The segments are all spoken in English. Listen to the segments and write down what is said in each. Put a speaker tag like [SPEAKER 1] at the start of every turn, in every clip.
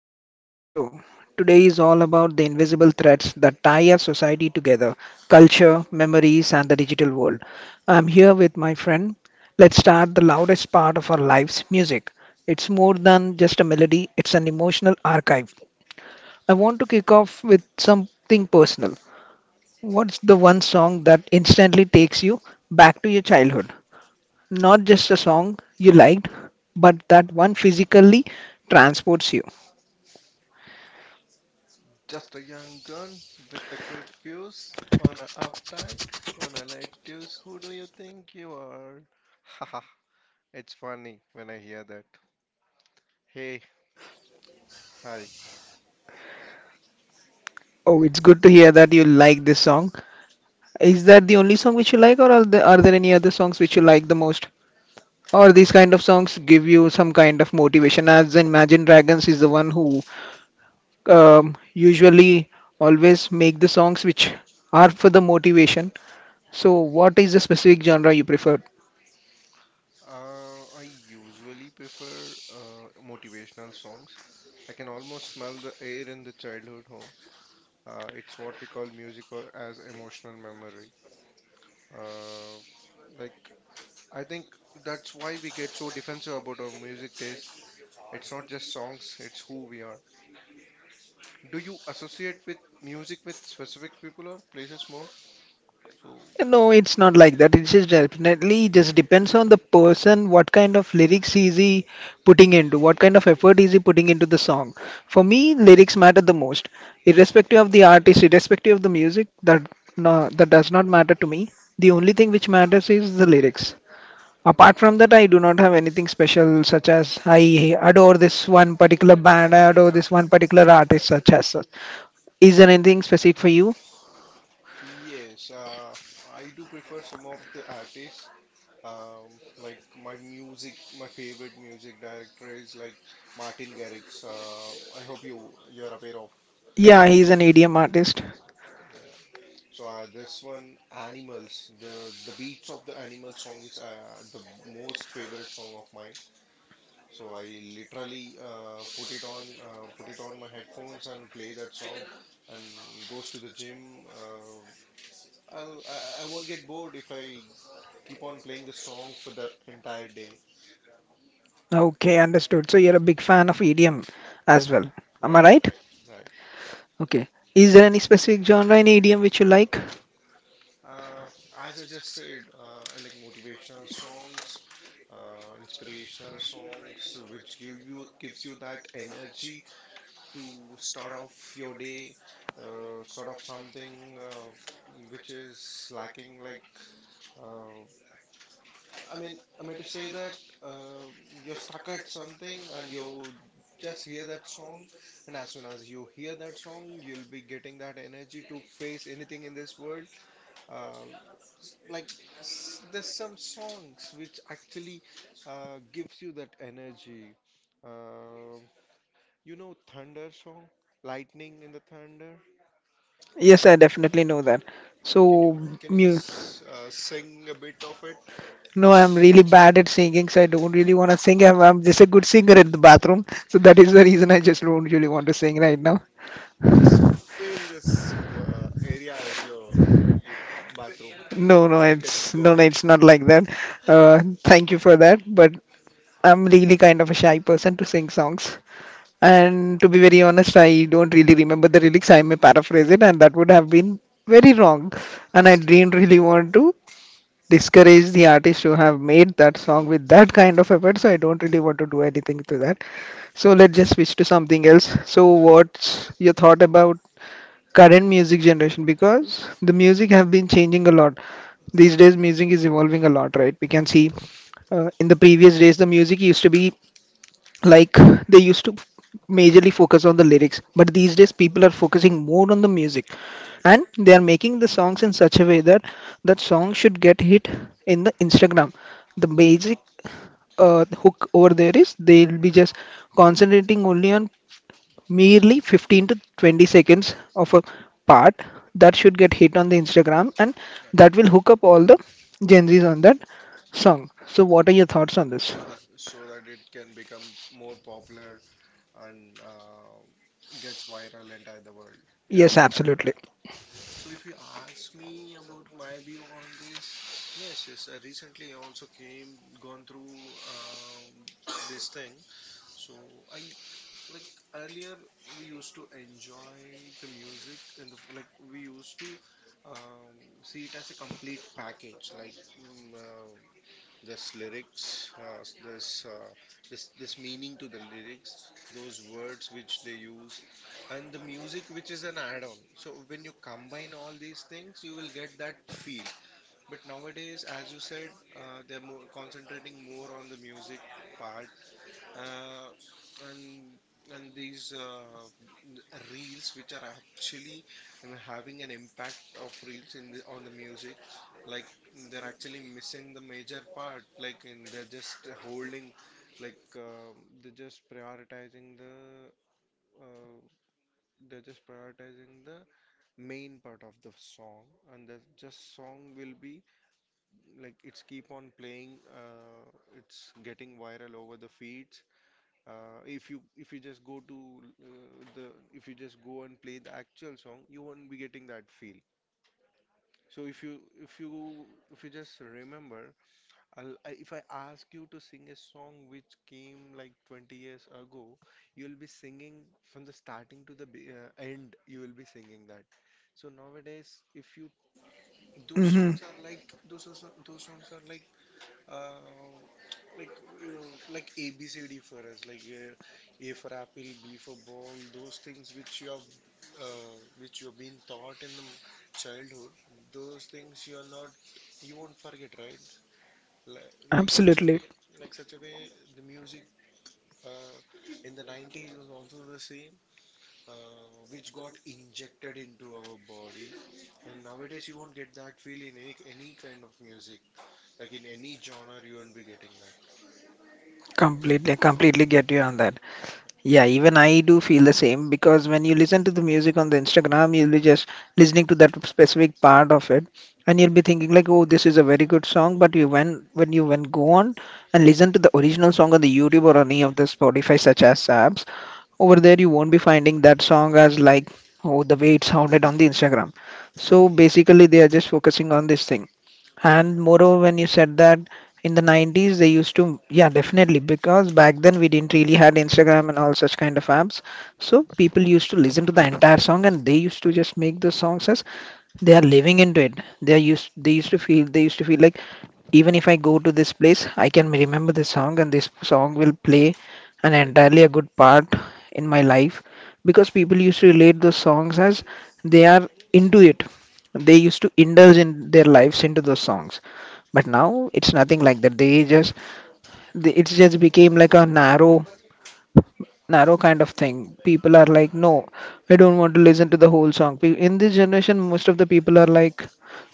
[SPEAKER 1] Welcome back to the show. Today is all about the invisible threads that tie our society together: culture, memories, and the digital world. I'm here with my friend. Let's start the loudest part of our lives: music. It's more than just a melody, it's an emotional archive. I want to kick off with something personal. What's the one song that instantly takes you back to your childhood? Not just a song you liked, but that one physically transports you.
[SPEAKER 2] Just a young gun with a quick fuse on a uptight on a light fuse. Who do you think you are? Haha, it's funny when I hear that. Hey, hi.
[SPEAKER 1] Oh, it's good to hear that you like this song. Is that the only song which you like, or are there any other songs which you like the most? Or
[SPEAKER 2] Uh,
[SPEAKER 1] these kind of songs give you some kind of motivation? As in Imagine Dragons is the one who usually always make the songs which are for the motivation. So, what is the specific genre you prefer?
[SPEAKER 2] I usually prefer motivational songs. I can almost smell the air in the childhood home. It's what we call music or as emotional memory. Uh, like I think that's why we get so defensive about our music taste. It's not just songs; it's who we are. Do you associate with music with specific people or places more? So,
[SPEAKER 1] No, it's not like that. It's just definitely just depends on the person, what kind of lyrics is he putting into, what kind of effort is he putting into the song. For me, lyrics matter the most, irrespective of the artist, irrespective of the music. That no, that does not matter to me. The only thing which matters is the lyrics. Apart from that, I do not have anything special, such as I adore this one particular band, I adore this one particular artist,
[SPEAKER 2] Right.
[SPEAKER 1] such as such. Is there anything specific for you?
[SPEAKER 2] Yes, I do prefer some of the artists. Like my music, my favorite music director is like Martin Garrix. I hope you are aware of.
[SPEAKER 1] Yeah, he's an EDM artist.
[SPEAKER 2] Yeah. So this one, Animals. The the beats of the Animal song is, the most favorite song of mine. So I literally put it on my headphones and play that song, and goes to the gym. I'll, I won't get bored if I keep on playing the song for the entire day.
[SPEAKER 1] Okay, understood. So you're a big fan of EDM as well.
[SPEAKER 2] Right,
[SPEAKER 1] Am I right?
[SPEAKER 2] right, right.
[SPEAKER 1] Okay. Is there any specific genre in EDM which you like?
[SPEAKER 2] Uh, as I just said, I like motivational songs, inspirational songs, which gives you that energy to start off your day, start off something which is lacking, like Uh, I mean to say that uh, you're stuck at something and you just hear that song, and as soon as you hear that song, you'll be getting that energy to face anything in this world. Uh, like there's some songs which actually gives you that energy. Uh, Thunder song, lightning in the thunder.
[SPEAKER 1] Yes, I definitely know that.
[SPEAKER 2] Can you
[SPEAKER 1] So,
[SPEAKER 2] can you
[SPEAKER 1] mu
[SPEAKER 2] just sing a bit of it?
[SPEAKER 1] no, I'm really bad at singing, so I don't really want to sing. I'm just a good singer in the bathroom, so that is the reason I just don't really want to sing right now.
[SPEAKER 2] Just fill this area as your bathroom,
[SPEAKER 1] No, no,
[SPEAKER 2] and you can
[SPEAKER 1] it's
[SPEAKER 2] go
[SPEAKER 1] no, no,
[SPEAKER 2] ahead.
[SPEAKER 1] it's not like that. Thank you for that, but I'm really kind of a shy person to sing songs. And to be very honest, I don't really remember the lyrics. I may paraphrase it, and that would have been very wrong. And I
[SPEAKER 2] Straight.
[SPEAKER 1] didn't really want to discourage the artist who have made that song with that kind of effort. So I don't really want to do anything to that. So let's just switch to something else. So what's your thought about current music generation? Because the music have been changing a lot. These days, music is evolving a lot, right? We can see in the previous days, the music used to be like, they used to majorly focus on the lyrics, but these days
[SPEAKER 2] Right,
[SPEAKER 1] people are focusing more on the music,
[SPEAKER 2] right,
[SPEAKER 1] and they are making the songs in such a way that that song should get hit in the Instagram. The basic hook over there is they'll be just concentrating only on merely 15 to 20 seconds
[SPEAKER 2] right,
[SPEAKER 1] of a part that should get hit on the Instagram, and
[SPEAKER 2] right.
[SPEAKER 1] that will hook up all the Gen Z's on that song. So what are your thoughts on this?
[SPEAKER 2] So that it can become more popular and gets viral entire the world. Yeah,
[SPEAKER 1] Yes,
[SPEAKER 2] I got
[SPEAKER 1] absolutely
[SPEAKER 2] you. So if you ask me about my view on this, yes, yes. I recently also came gone through this thing. So I Like earlier, we used to enjoy the music and the f- like we used to um, see it as a complete package. Like there's lyrics, there's this meaning to the lyrics, those words which they use, and the music which is an add-on. So when you combine all these things, you will get that feel. But nowadays, as you said, they're more concentrating more on the music part, uh, and and these n- reels which are actually, I mean, having an impact of reels in the on the music, like they're actually missing the major part, like, and they're just holding, like um they're just prioritizing the uh, they're just prioritizing the main part of the song, and the just song will be, like, it's keep on playing, it's getting viral over the feeds. If you just go to, the if you just go and play the actual song, you won't be getting that feel. so if you if you if you just remember, if I ask you to sing a song which came like 20 years ago, you'll be singing from the starting to end, you will be singing that. So nowadays, if you, those
[SPEAKER 1] hmm
[SPEAKER 2] songs are like, those songs are like, um, like ABCD for us, like, A for apple, B for ball, those things which you have, which you have been taught in childhood, those things you are not, you won't forget, right? Like, like such a
[SPEAKER 1] absolutely.
[SPEAKER 2] way, like such a way, the music uh, in the 90s was also the same, which got injected into our body. And nowadays you won't get that feel in any kind of music, like in any genre you won't be getting that.
[SPEAKER 1] Completely, completely get you on that.
[SPEAKER 2] Hmm.
[SPEAKER 1] Yeah, even I do feel the same because when you listen to the music on the Instagram, you'll be just listening to that specific part of it, and you'll be thinking like, "Oh, this is a very good song." But you when you when go on and listen to the original song on the YouTube or any of the Spotify such as apps, over there you won't be finding that song as like, "Oh, the way it sounded on the Instagram." So basically, they are just focusing on this thing. And moreover, when you said that in the 90s, they used to, yeah, definitely, because back then we didn't really had Instagram and all such kind of apps. So people used to listen to the entire song and they used to just make the songs as they are living into it. They used to feel, they used to feel like even if I go to this place, I can remember the song, and this song will play an
[SPEAKER 2] Right,
[SPEAKER 1] entirely a good part in my life because people used to relate those songs as they are into it. They used to indulge in their lives into those songs, but now it's nothing like that. They just, they, it's just became like a narrow kind of thing. People are like, no, I don't want to listen to the whole song. In this generation, most of the people are like,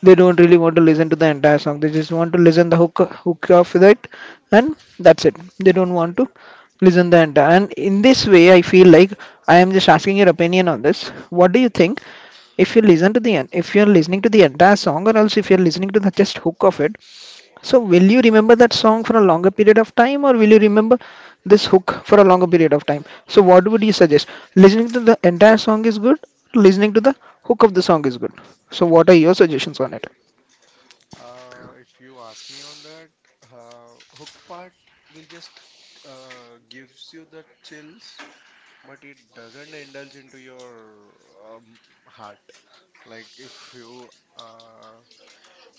[SPEAKER 1] they don't really want to listen to the entire song. They just want to listen the hook of it, and that's it. They don't want to listen the entire. And in this way, I feel like I am just asking your opinion on this. What do you think? If you listen to the if you're listening to the entire song, or else if you're listening to the just hook of it, so will you remember that song for a longer period of time or will you remember this hook for a longer period of time? So what would you suggest? Listening to the entire song is good, listening to the hook of the song is good. So what are your suggestions on it?
[SPEAKER 2] right. If you ask me on that, hook part will just, gives you the chills, but it doesn't indulge into your, um, heart. Like if you uh,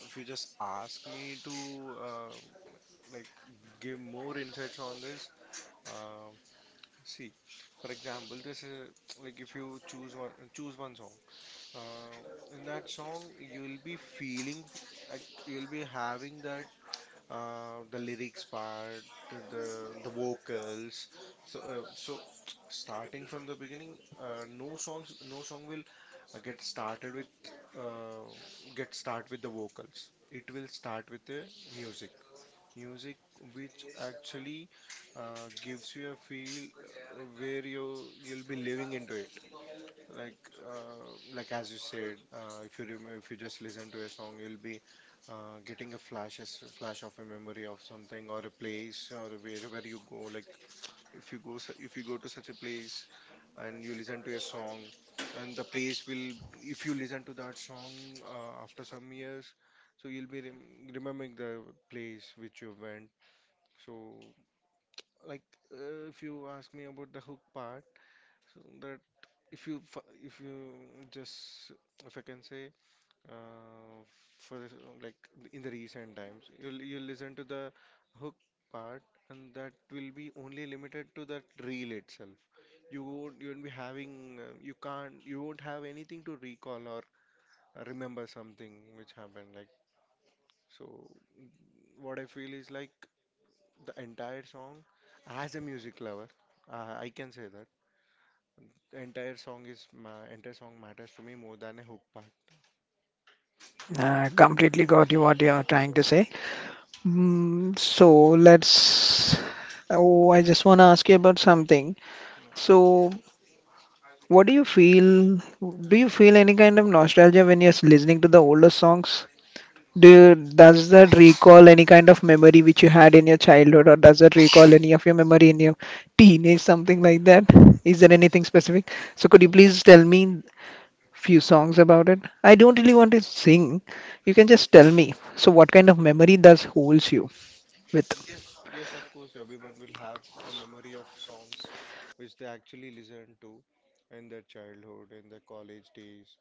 [SPEAKER 2] if you just ask me to, like give more insights on this, uh, see, for example, this is like if you choose one song. Uh, in that song, you will be feeling like you will be having that, the lyrics part, the vocals. So uh, so Starting from the beginning, no song will, uh, get started with uh, get start with the vocals. It will start with the music, music which actually gives you a feel, where you'll be living into it. Like, as you said, if you just listen to a song, you'll be, getting a flash of a memory of something or a place or wherever you go. Like, if you go to such a place and you listen to a song, and the place will, if you listen to that song, after some years, so you'll be remembering the place which you went. So, like, if you ask me about the hook part. So that, if you just, if I can say, uh, like, in the recent times, you listen to the hook part, and that will be only limited to that reel itself. You won't be having, you won't have anything to recall or remember something which happened, like, so what I feel is like the entire song, as a music lover, I can say that the entire song is ma entire song matters to me more than a hook part.
[SPEAKER 1] Completely got you what you're trying to say. Mm, so let's. Oh, I just want to ask you about something.
[SPEAKER 2] Yeah.
[SPEAKER 1] So, what do you feel? Do you feel any kind of nostalgia when you're listening to the older songs? Do does that recall any kind of memory which you had in your childhood, or does that recall any of your memory in your teenage, something like that? Is there
[SPEAKER 2] Yes,
[SPEAKER 1] anything specific? So could you
[SPEAKER 2] y-
[SPEAKER 1] please tell me few songs about it? I don't really want to sing. You can just tell me. So what kind of memory does holds you with?
[SPEAKER 2] yes, yes. Of course, everyone will have a memory of songs which they actually listened to in their childhood, in their college days.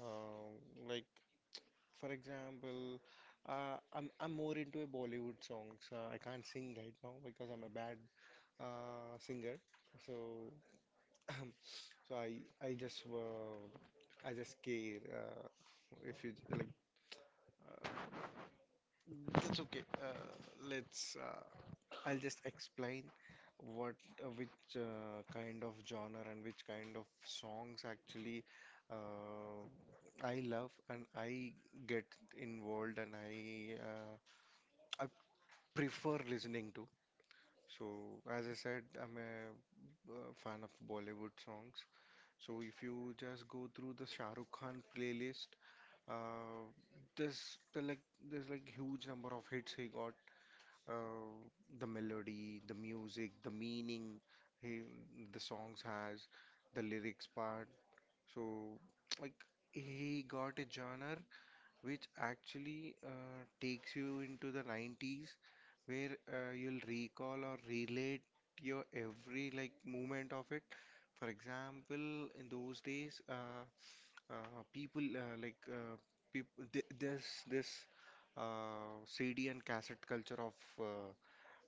[SPEAKER 2] Um, like for example, I'm more into a Bollywood songs. I can't sing right now because I'm a bad, singer. So so I just I just care. If you like Uh, that's okay. Let's. I'll just explain what, which kind of genre and which kind of songs actually, uh, I love and I get involved and I prefer listening to. So as I said, I'm a fan of Bollywood songs. So if you just go through the Shah Rukh Khan playlist, uh, there's there's like huge number of hits he got, uh, the melody, the music, the meaning he, the songs has, the lyrics part. So like he got a genre which actually, takes you into the 90s where, you'll recall or relate your every like movement of it. For example, in those days, uh, people, people th this this CD and cassette culture of, uh,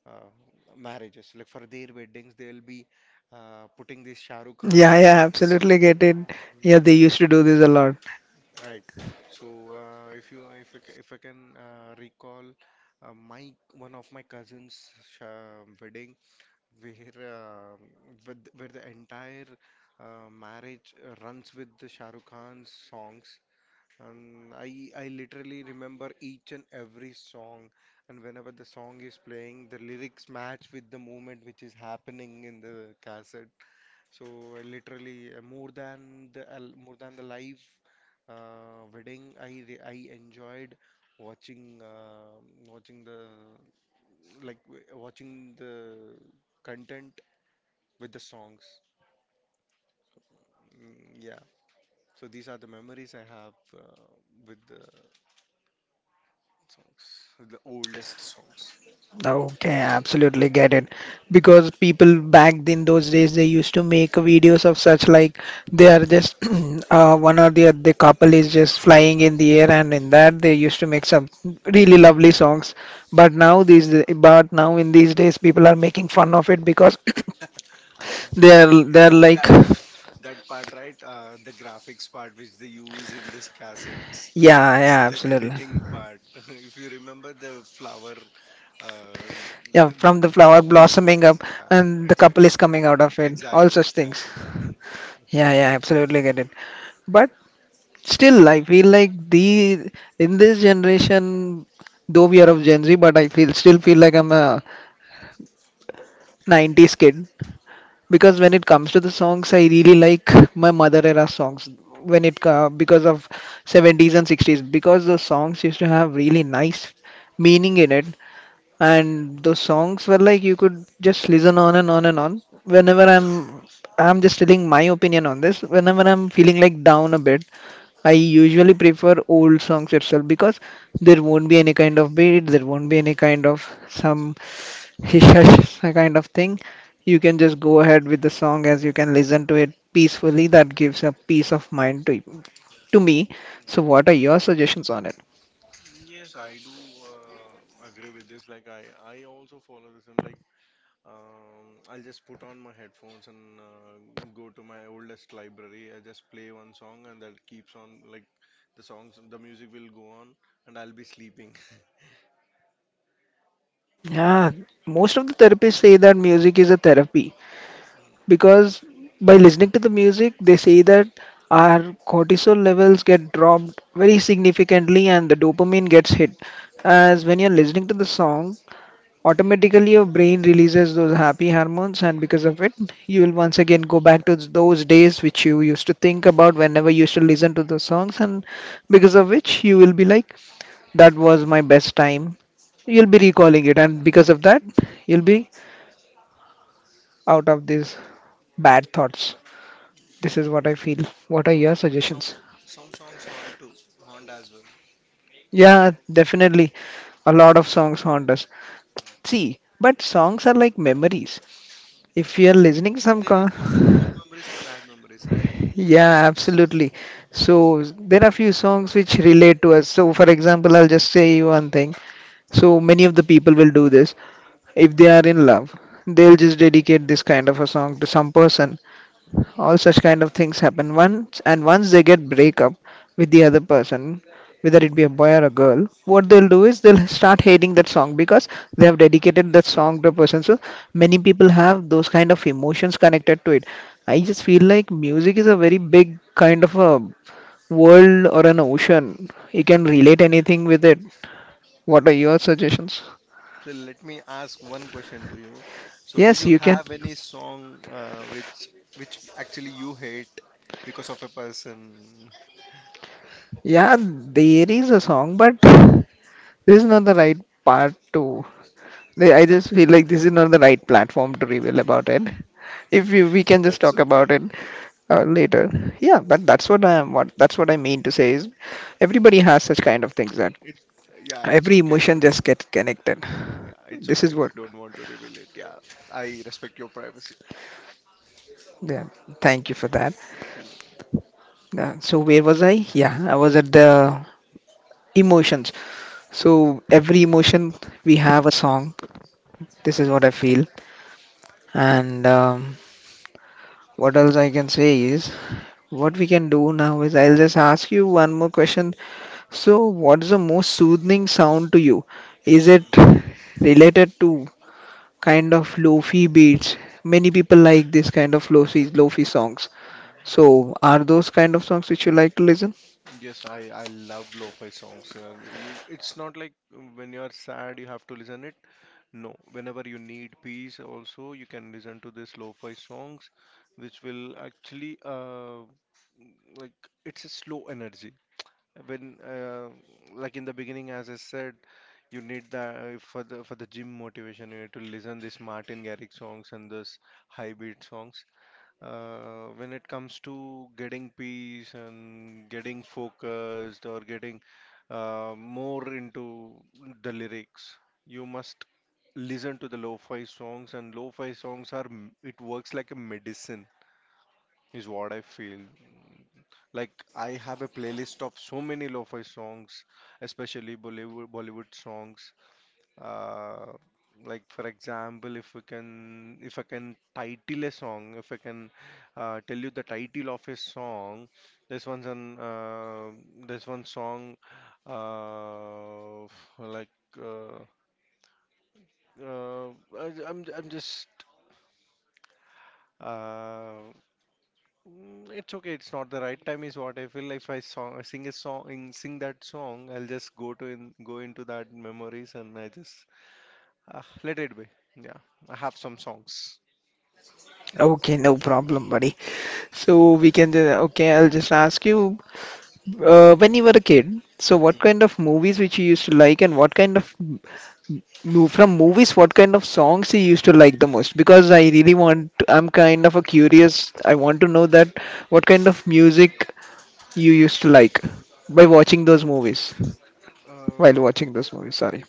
[SPEAKER 2] uh, marriages. Like for their weddings, they'll be, putting these Shah Rukh
[SPEAKER 1] Yeah,
[SPEAKER 2] Khan
[SPEAKER 1] yeah, absolutely
[SPEAKER 2] songs.
[SPEAKER 1] get it. Yeah,
[SPEAKER 2] Mm,
[SPEAKER 1] they used to do this a lot.
[SPEAKER 2] yeah, right. So if you if I, c- if I can, recall my one of my wedding, where, where the entire marriage runs with the Shah Rukh Khan's songs, and I literally remember each and every song. And whenever the song is playing, the lyrics match with the movement which is happening in the cassette. So I literally, more than the live, wedding, I enjoyed watching, watching the watching the content with the songs. Mm, yeah. So these are the memories I have, with the songs, the oldest songs.
[SPEAKER 1] Okay, absolutely get it. Because people back in those days they used to make videos of such like they are just one or the other couple is just flying in the air and in that they used to make some really lovely songs. But now these but now in these days people are making fun of it because they are
[SPEAKER 2] That
[SPEAKER 1] like,
[SPEAKER 2] that that part, right? The graphics part which they use in this cassettes,
[SPEAKER 1] yeah, yeah,
[SPEAKER 2] the
[SPEAKER 1] absolutely.
[SPEAKER 2] editing part. If you remember the uh, the,
[SPEAKER 1] Yeah,
[SPEAKER 2] the
[SPEAKER 1] from the
[SPEAKER 2] the
[SPEAKER 1] flower
[SPEAKER 2] couple
[SPEAKER 1] blossoming
[SPEAKER 2] photos.
[SPEAKER 1] up
[SPEAKER 2] Yeah,
[SPEAKER 1] and the couple is coming out of it, all
[SPEAKER 2] exactly, exactly,
[SPEAKER 1] such things.
[SPEAKER 2] exactly, exactly.
[SPEAKER 1] Yeah, yeah, absolutely get it. But still, I feel like the in this generation, though we are of Gen Z, but I feel still feel like I'm a 90s kid because when it comes to the songs, I really like my mother era songs when
[SPEAKER 2] Mm,
[SPEAKER 1] it because of 70s and 60s because those songs used to have really nice meaning in it, and those songs were like you could just listen on and on and on. Whenever I'm just telling my opinion on this, whenever I'm feeling like down a bit, I usually prefer old songs itself because there won't be any kind of beat, there won't be any kind of some hish
[SPEAKER 2] right.
[SPEAKER 1] hash kind of thing. You can just go ahead with the song as you can listen to it peacefully. That gives a peace of mind to me. So, what are your suggestions on it?
[SPEAKER 2] Yes, I do, agree with this. Like I also follow the same. Like I'll just put on my headphones and, go to my oldest library. I just play one song and that keeps on like the songs, the music will go on, and I'll be sleeping.
[SPEAKER 1] Yeah, most of the therapists say that music is a therapy. Because by listening to the music they say that our cortisol levels get dropped very significantly and the dopamine gets hit. As when you're listening to the song, automatically your brain releases those happy hormones, and because of it you will once again go back to those days which you used to think about whenever you used to listen to the songs, and because of which you will be like that was my best time. You'll be recalling it, and because of that you'll be out of these bad thoughts. This is what I feel. What are your
[SPEAKER 2] Some
[SPEAKER 1] suggestions?
[SPEAKER 2] some songs haunt too, haunt as well.
[SPEAKER 1] Yeah, definitely. A lot of songs haunt us.
[SPEAKER 2] Mm.
[SPEAKER 1] See, but songs are like memories. If you are listening
[SPEAKER 2] So
[SPEAKER 1] some
[SPEAKER 2] there are good memories and bad memories, right?
[SPEAKER 1] Yeah,
[SPEAKER 2] So
[SPEAKER 1] absolutely. So there are few songs which relate to us. So for example, I'll just say you one thing. So many of the people will do this. If they are in love, they'll just dedicate this kind of a song to some person. All such kind of things happen once, and once they get break up with the other person, whether it be a boy or a girl, what they'll do is they'll start hating that song because they have dedicated that song to a person. So many people have those kind of emotions connected to it. I just feel like music is a very big kind of a world or an ocean. You can relate anything with it. What are your suggestions?
[SPEAKER 2] so let me ask one question to you. So do
[SPEAKER 1] Yes,
[SPEAKER 2] you
[SPEAKER 1] you can.
[SPEAKER 2] have any song, which actually you hate because of a person?
[SPEAKER 1] Yeah, there is a song, but this is not the right part to. I just feel like this is not the right platform to reveal about it. If we can just
[SPEAKER 2] That's
[SPEAKER 1] talk
[SPEAKER 2] okay.
[SPEAKER 1] about it later. Yeah, but that's what I am. What that's what I mean to say is everybody has such kind of things that
[SPEAKER 2] It Yeah, it's
[SPEAKER 1] every
[SPEAKER 2] okay if
[SPEAKER 1] emotion
[SPEAKER 2] you do.
[SPEAKER 1] just gets connected.
[SPEAKER 2] Yeah, it's
[SPEAKER 1] This
[SPEAKER 2] okay
[SPEAKER 1] is
[SPEAKER 2] if
[SPEAKER 1] what.
[SPEAKER 2] you don't want to reveal it. Yeah, I respect your privacy.
[SPEAKER 1] Yeah. Thank you for that.
[SPEAKER 2] Mm,
[SPEAKER 1] So where was I? Yeah, I was at the emotions. So every emotion we have a song. This is what I feel. And what else I can say is what we can do now is I'll just ask you one more question. So, what's the most soothing sound to you? Is it related to kind of lofi beats? Many people like this kind of lofi songs.
[SPEAKER 2] mm.
[SPEAKER 1] So, are those kind of songs which you like to listen?
[SPEAKER 2] Yes, I love lo-fi songs. It's not like when you are sad you have to listen it. No, whenever you need peace, also you can listen to this lo-fi songs, which will actually like it's a slow energy. When Like in the beginning, as I said, you need that for the gym motivation. You need to listen this Martin Garrix songs and this high beat songs. When it comes to getting peace and getting focused or getting more into the lyrics you must listen to the lo-fi songs, and lo-fi songs are m- it works like a medicine is what I feel. Like I have a playlist of so many lo-fi songs, especially Bollywood songs, uh, like for example if I can title a song, if I can tell you the title of a song. This one's an this one song uh, like uh, uh, I, I'm just uh, mm, It's okay. It's not the right time, is what I feel. If I song, I sing a song, in, sing that song, I'll just go into that memories, and I just let it be. Yeah, I have some songs.
[SPEAKER 1] Okay, no problem, buddy. So we can just, okay, I'll just ask you, when you were a kid, so what kind
[SPEAKER 2] Mm.
[SPEAKER 1] of movies which you used to like, and what kind of from movies, what kind of songs you used to like the most? Because I really want, I'm kind of a curious. I want to know that what kind of music you used to like by watching those movies while
[SPEAKER 2] Uh,
[SPEAKER 1] watching those movies, sorry.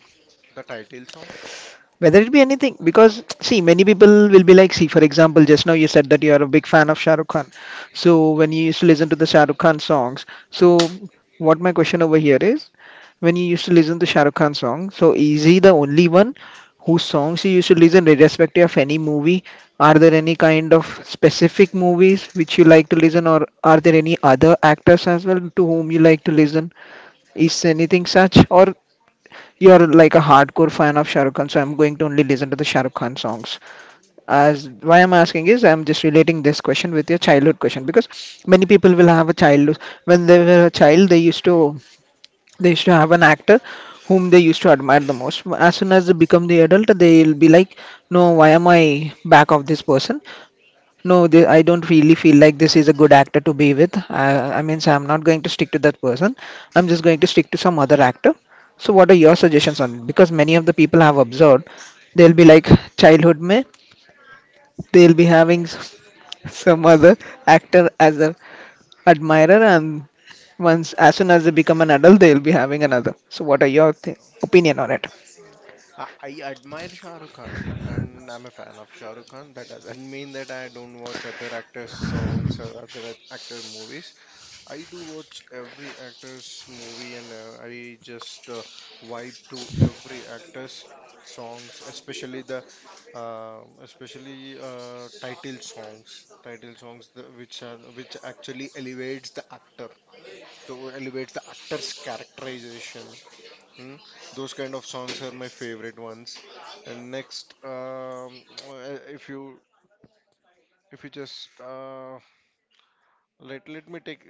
[SPEAKER 2] the title songs?
[SPEAKER 1] Whether it be anything, because see, many people will be like, see for example, just now you said that you are a big fan of Shah Rukh Khan. So when you used to listen to the Shah Rukh Khan songs, so what my question over here is, when you used to listen to Shah Rukh Khan songs, so is he the only one whose songs you used to listen irrespective of any movie? Are there any kind of specific movies which you like to listen, or are there any other actors as well to whom you like to listen? Is anything such, or you're like a hardcore fan of Shah Rukh Khan, so I'm going to only listen to the Shah Rukh Khan songs? As why I'm asking is, I'm just relating this question with your childhood question because many people will have a child, when they were a child, they used to, they used to have an actor whom they used to admire the most. As soon as they become the adult, they'll be like, no, why am I back of this person? No, I don't really feel like this is a good actor to be with. I mean, so I'm not going to stick to that person. I'm just going to stick to some other actor. So, what are your suggestions on it? Because many of the people have observed, they'll be like childhood mein, they'll be having some other actor as a admirer, and once as soon as they become an adult, they'll be having another. So, what are your
[SPEAKER 2] No.
[SPEAKER 1] opinion on it?
[SPEAKER 2] I, I admire Shah Rukh Khan and I'm a fan of Shah Rukh Khan. That doesn't mean that I don't watch other actors' songs or actor movies. I do watch every actor's movie, and I just vibe to every actor's songs, especially the especially title songs. Title songs, which are, which actually elevates the actor, to elevates the actor's characterization. Hmm? Those kind of songs are my favorite ones. And next, if you just let me take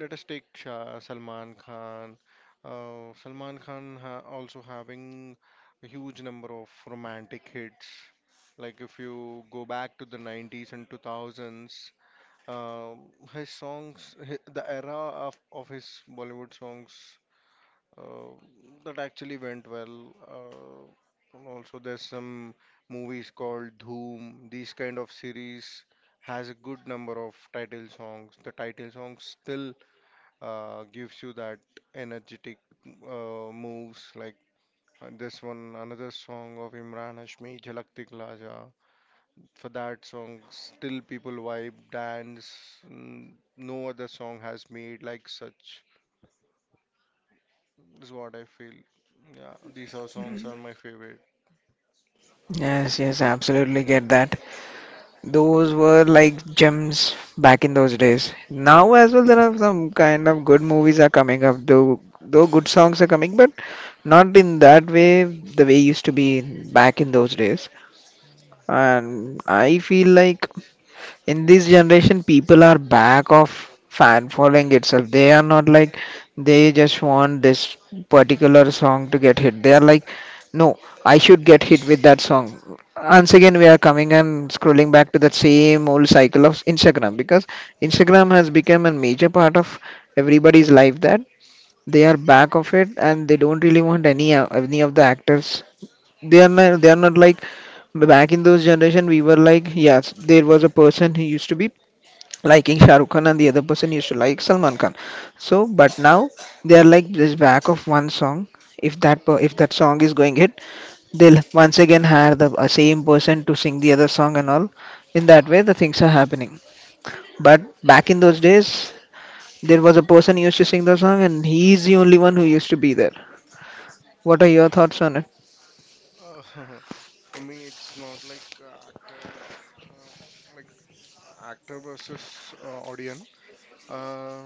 [SPEAKER 2] let us take Shah, Salman Khan. Salman Khan ha also having a huge number of romantic hits. Like if you go back to the 90s and 2000s, um his songs, hi the era of his Bollywood songs uh, that actually went well. And also, there's some movies called Dhoom. These kind of series has a good number of title songs. The title song still gives you that energetic moves. Like this one, another song of Imran Hashmi, Jhalak Dikla Ja. For that song, still people vibe, dance. mm, No other song has made like such is what I feel. Yeah, these are songs are my favorite.
[SPEAKER 1] Yes, yes, I absolutely get that. Those were like gems back in those days. Now as well, there are some kind of good movies are coming up, though good songs are coming, but not in that way the way used to be back in those days. And I feel like in this generation people are back of fan following itself. They are not like, they just want this particular song to get hit. They are like, no, I should get hit with that song. Once again we are coming and scrolling back to that same old cycle of Instagram, because Instagram has become a major part of everybody's life, that they are back of it, and they don't really want any of the actors. They are not like, back in those generation we were like, yes there was a person who used to be liking Shah Rukh Khan and the other person used to like Salman Khan. So, but now they are like this back of one song. If that if that song is going hit, they'll once again hire the same person to sing the other song and all. In that way, the things are happening. But back in those days, there was a person who used to sing the song, and he is the only one who used to be there. What are your thoughts on it?
[SPEAKER 2] Uh, for me, it's not like actor, uh, like actor versus audience. Uh,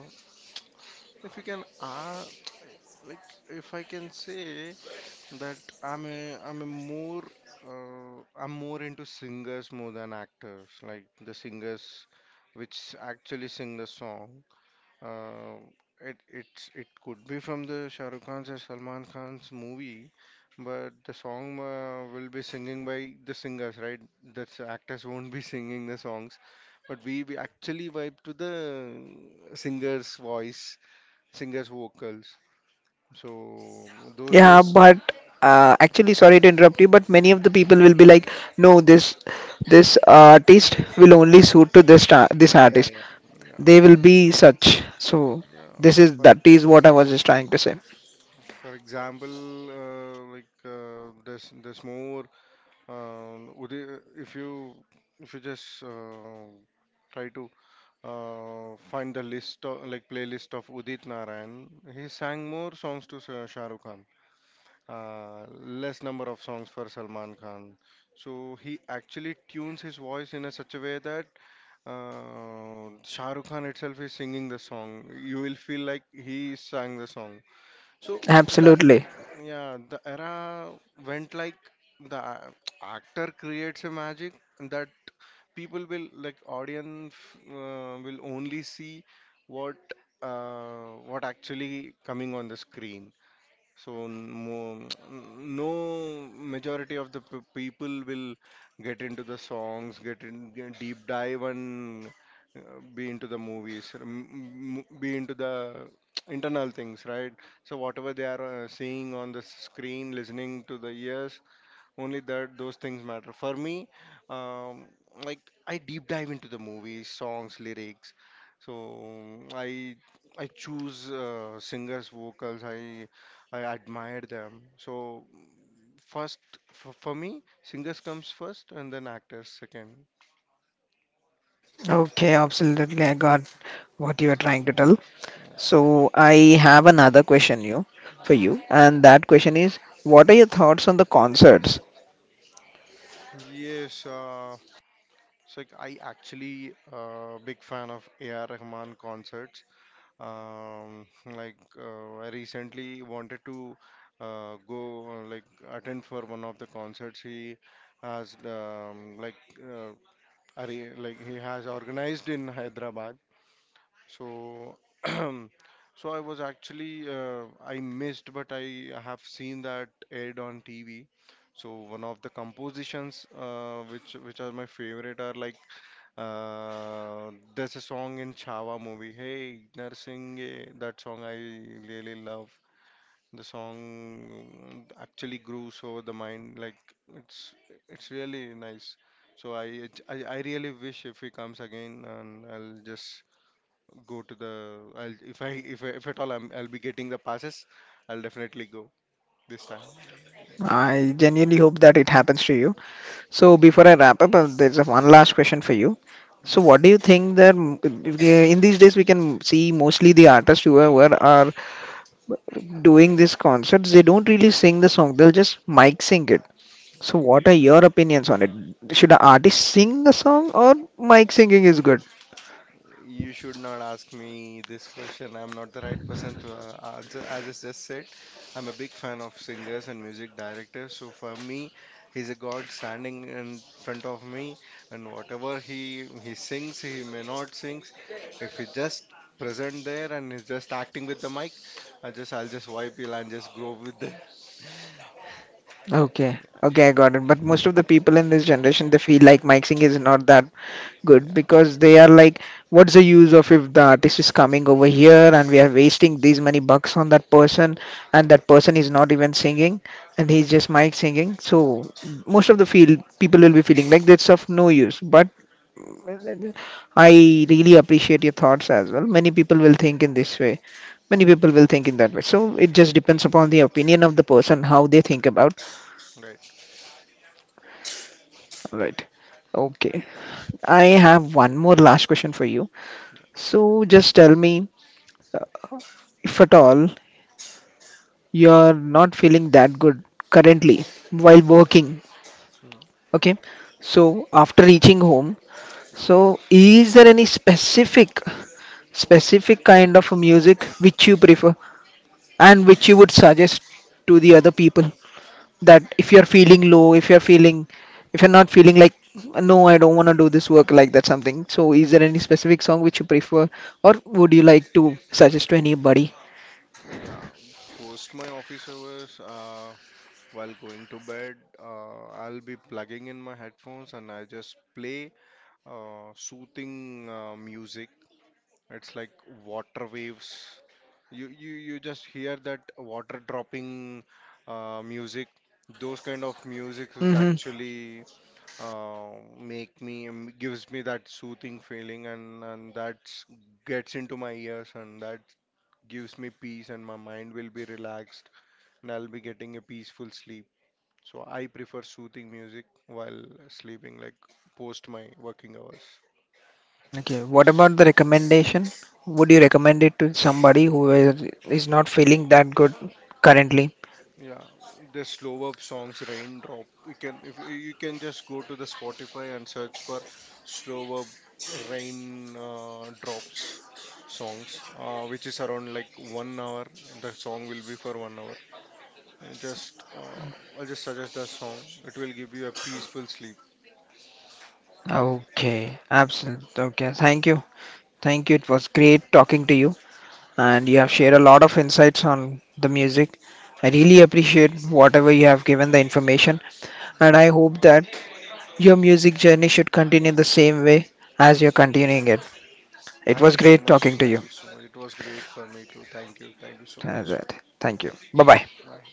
[SPEAKER 2] if you can, like if I can say that I'm a more I'm more into singers more than actors. Like the singers which actually sing the song. Um it it's, it could be from the Shah Rukh Khan's or Salman Khan's movie, but the song will be singing by the singers, right? Actors won't be singing the songs, but we actually vibe to the singer's voice, singer's vocals. So those
[SPEAKER 1] Yeah,
[SPEAKER 2] days,
[SPEAKER 1] but actually, sorry to interrupt you, but many of the people will be like, no, this artist will only suit to this star, this
[SPEAKER 2] yeah,
[SPEAKER 1] artist.
[SPEAKER 2] yeah,
[SPEAKER 1] They
[SPEAKER 2] yeah,
[SPEAKER 1] will be such. So
[SPEAKER 2] yeah.
[SPEAKER 1] this is
[SPEAKER 2] For
[SPEAKER 1] that is what I was just trying to say.
[SPEAKER 2] for example, there's more. Uday, if you just try to find the list of, like playlist of Udit Narayan. He sang more songs to Shah Rukh Khan, less number of songs for Salman Khan. So he actually tunes his voice in a such a way that Shah Rukh Khan itself is singing the song. You will feel like he sang the song. So that
[SPEAKER 1] Absolutely.
[SPEAKER 2] yeah, the era went like the a- actor creates a magic that people will like audience will only see what what actually coming on the screen. So no majority of people will get into the songs, get deep dive and be into the movies, or be into the internal things, right? So whatever they are seeing on the screen, listening to the ears, only that those things matter for me um, like I deep dive into the movies songs lyrics. So i I choose singers vocals. I admire them. So first, for me singers comes first and then actors second.
[SPEAKER 1] Okay, absolutely. I got what you are trying to tell. So I have another question you for you, and that question is, what are your thoughts on the concerts?
[SPEAKER 2] yes uh, it's like I actually big fan of AR Rahman concerts. Um, like I recently wanted to go attend for one of the concerts he has uh, like he has organized in Hyderabad. So so I was actually I missed, but I have seen that aired on TV. So one of the compositions which are my favorite are like there's a song in Chhaava movie. Hey, Narsingh, that song I really love. The song actually grooves over the mind. Like it's it's really nice. So I really wish if he comes again, and I'll just go to the. I'll if if at all I'll be getting the passes, I'll definitely go this time.
[SPEAKER 1] I genuinely hope that it happens to you. So before I wrap up, there's a one last question for you. So what do you think that in these days we can see mostly the artists who are doing these concerts, they don't really sing the song, they'll just mic sing it. So what are your opinions on it? Should an
[SPEAKER 2] Mm.
[SPEAKER 1] artist sing a song or mic singing is good?
[SPEAKER 2] You should not ask me this question. I'm not the right person to answer. As I just said, I'm a big fan of singers and music directors. So for me, he's a god standing in front of me, and whatever he sings, he may not sings. If he just present there and he's just acting with the mic, I'll just wipe it and just grow with the
[SPEAKER 1] Okay. Okay, I got it. But most of the people in this generation, they feel like mic singing is not that good
[SPEAKER 2] yeah.
[SPEAKER 1] because they are like, what's the use of if the artist is coming over here and we are wasting these many bucks on that person and that person is not even singing and he's just mic singing. So most of the field people will be feeling
[SPEAKER 2] So
[SPEAKER 1] like that's of no use. But I really appreciate your thoughts as well. Many people will think in this way. Many people will think in that way. So it just depends upon the opinion of the person, how they think about.
[SPEAKER 2] right.
[SPEAKER 1] All right. Okay. I have one more last question for you. So just tell me. uh, if at all you're not feeling that good currently while working,
[SPEAKER 2] Mm.
[SPEAKER 1] okay, so after reaching home, so is there any specific, specific kind of music which you prefer and which you would suggest to the other people, that if you're feeling low, if you're feeling, if you're not feeling like, no I don't want to do this work like that, something, so is there any specific song which you prefer or would you like to suggest to anybody?
[SPEAKER 2] Yeah, post my office hours. While going to bed, I'll be plugging in my headphones and I just play soothing music. It's like water waves. You just hear that water dropping music. Those kind of music is
[SPEAKER 1] Hmm.
[SPEAKER 2] actually uh, make me gives me that soothing feeling, and that gets into my ears, and that gives me peace, and my mind will be relaxed, and I'll be getting a peaceful sleep. So I prefer soothing music while sleeping, like post my working hours.
[SPEAKER 1] Okay, what about the recommendation? Would you recommend it to somebody who is not feeling that good currently?
[SPEAKER 2] Yeah, the slow up songs, raindrop. You can if you you can just go to the Spotify and search for slow up rain drops songs, which is around like 1 hour. The song will be for 1 hour. And just I just suggest that song. It will give you a peaceful sleep.
[SPEAKER 1] Okay, absolutely. Okay, thank you. Thank you. It was great talking to you, and you have shared a
[SPEAKER 2] Yeah,
[SPEAKER 1] lot of insights on the music. I really appreciate whatever you have given the information, and I hope that your music journey should continue the same way as you're
[SPEAKER 2] yeah.
[SPEAKER 1] continuing it. It
[SPEAKER 2] Thank
[SPEAKER 1] was
[SPEAKER 2] you so
[SPEAKER 1] great talking
[SPEAKER 2] much.
[SPEAKER 1] to you.
[SPEAKER 2] Thank you so much. It was great for me too. Thank you. Thank you so
[SPEAKER 1] Uh,
[SPEAKER 2] much.
[SPEAKER 1] Thank you. Bye bye.
[SPEAKER 2] Bye.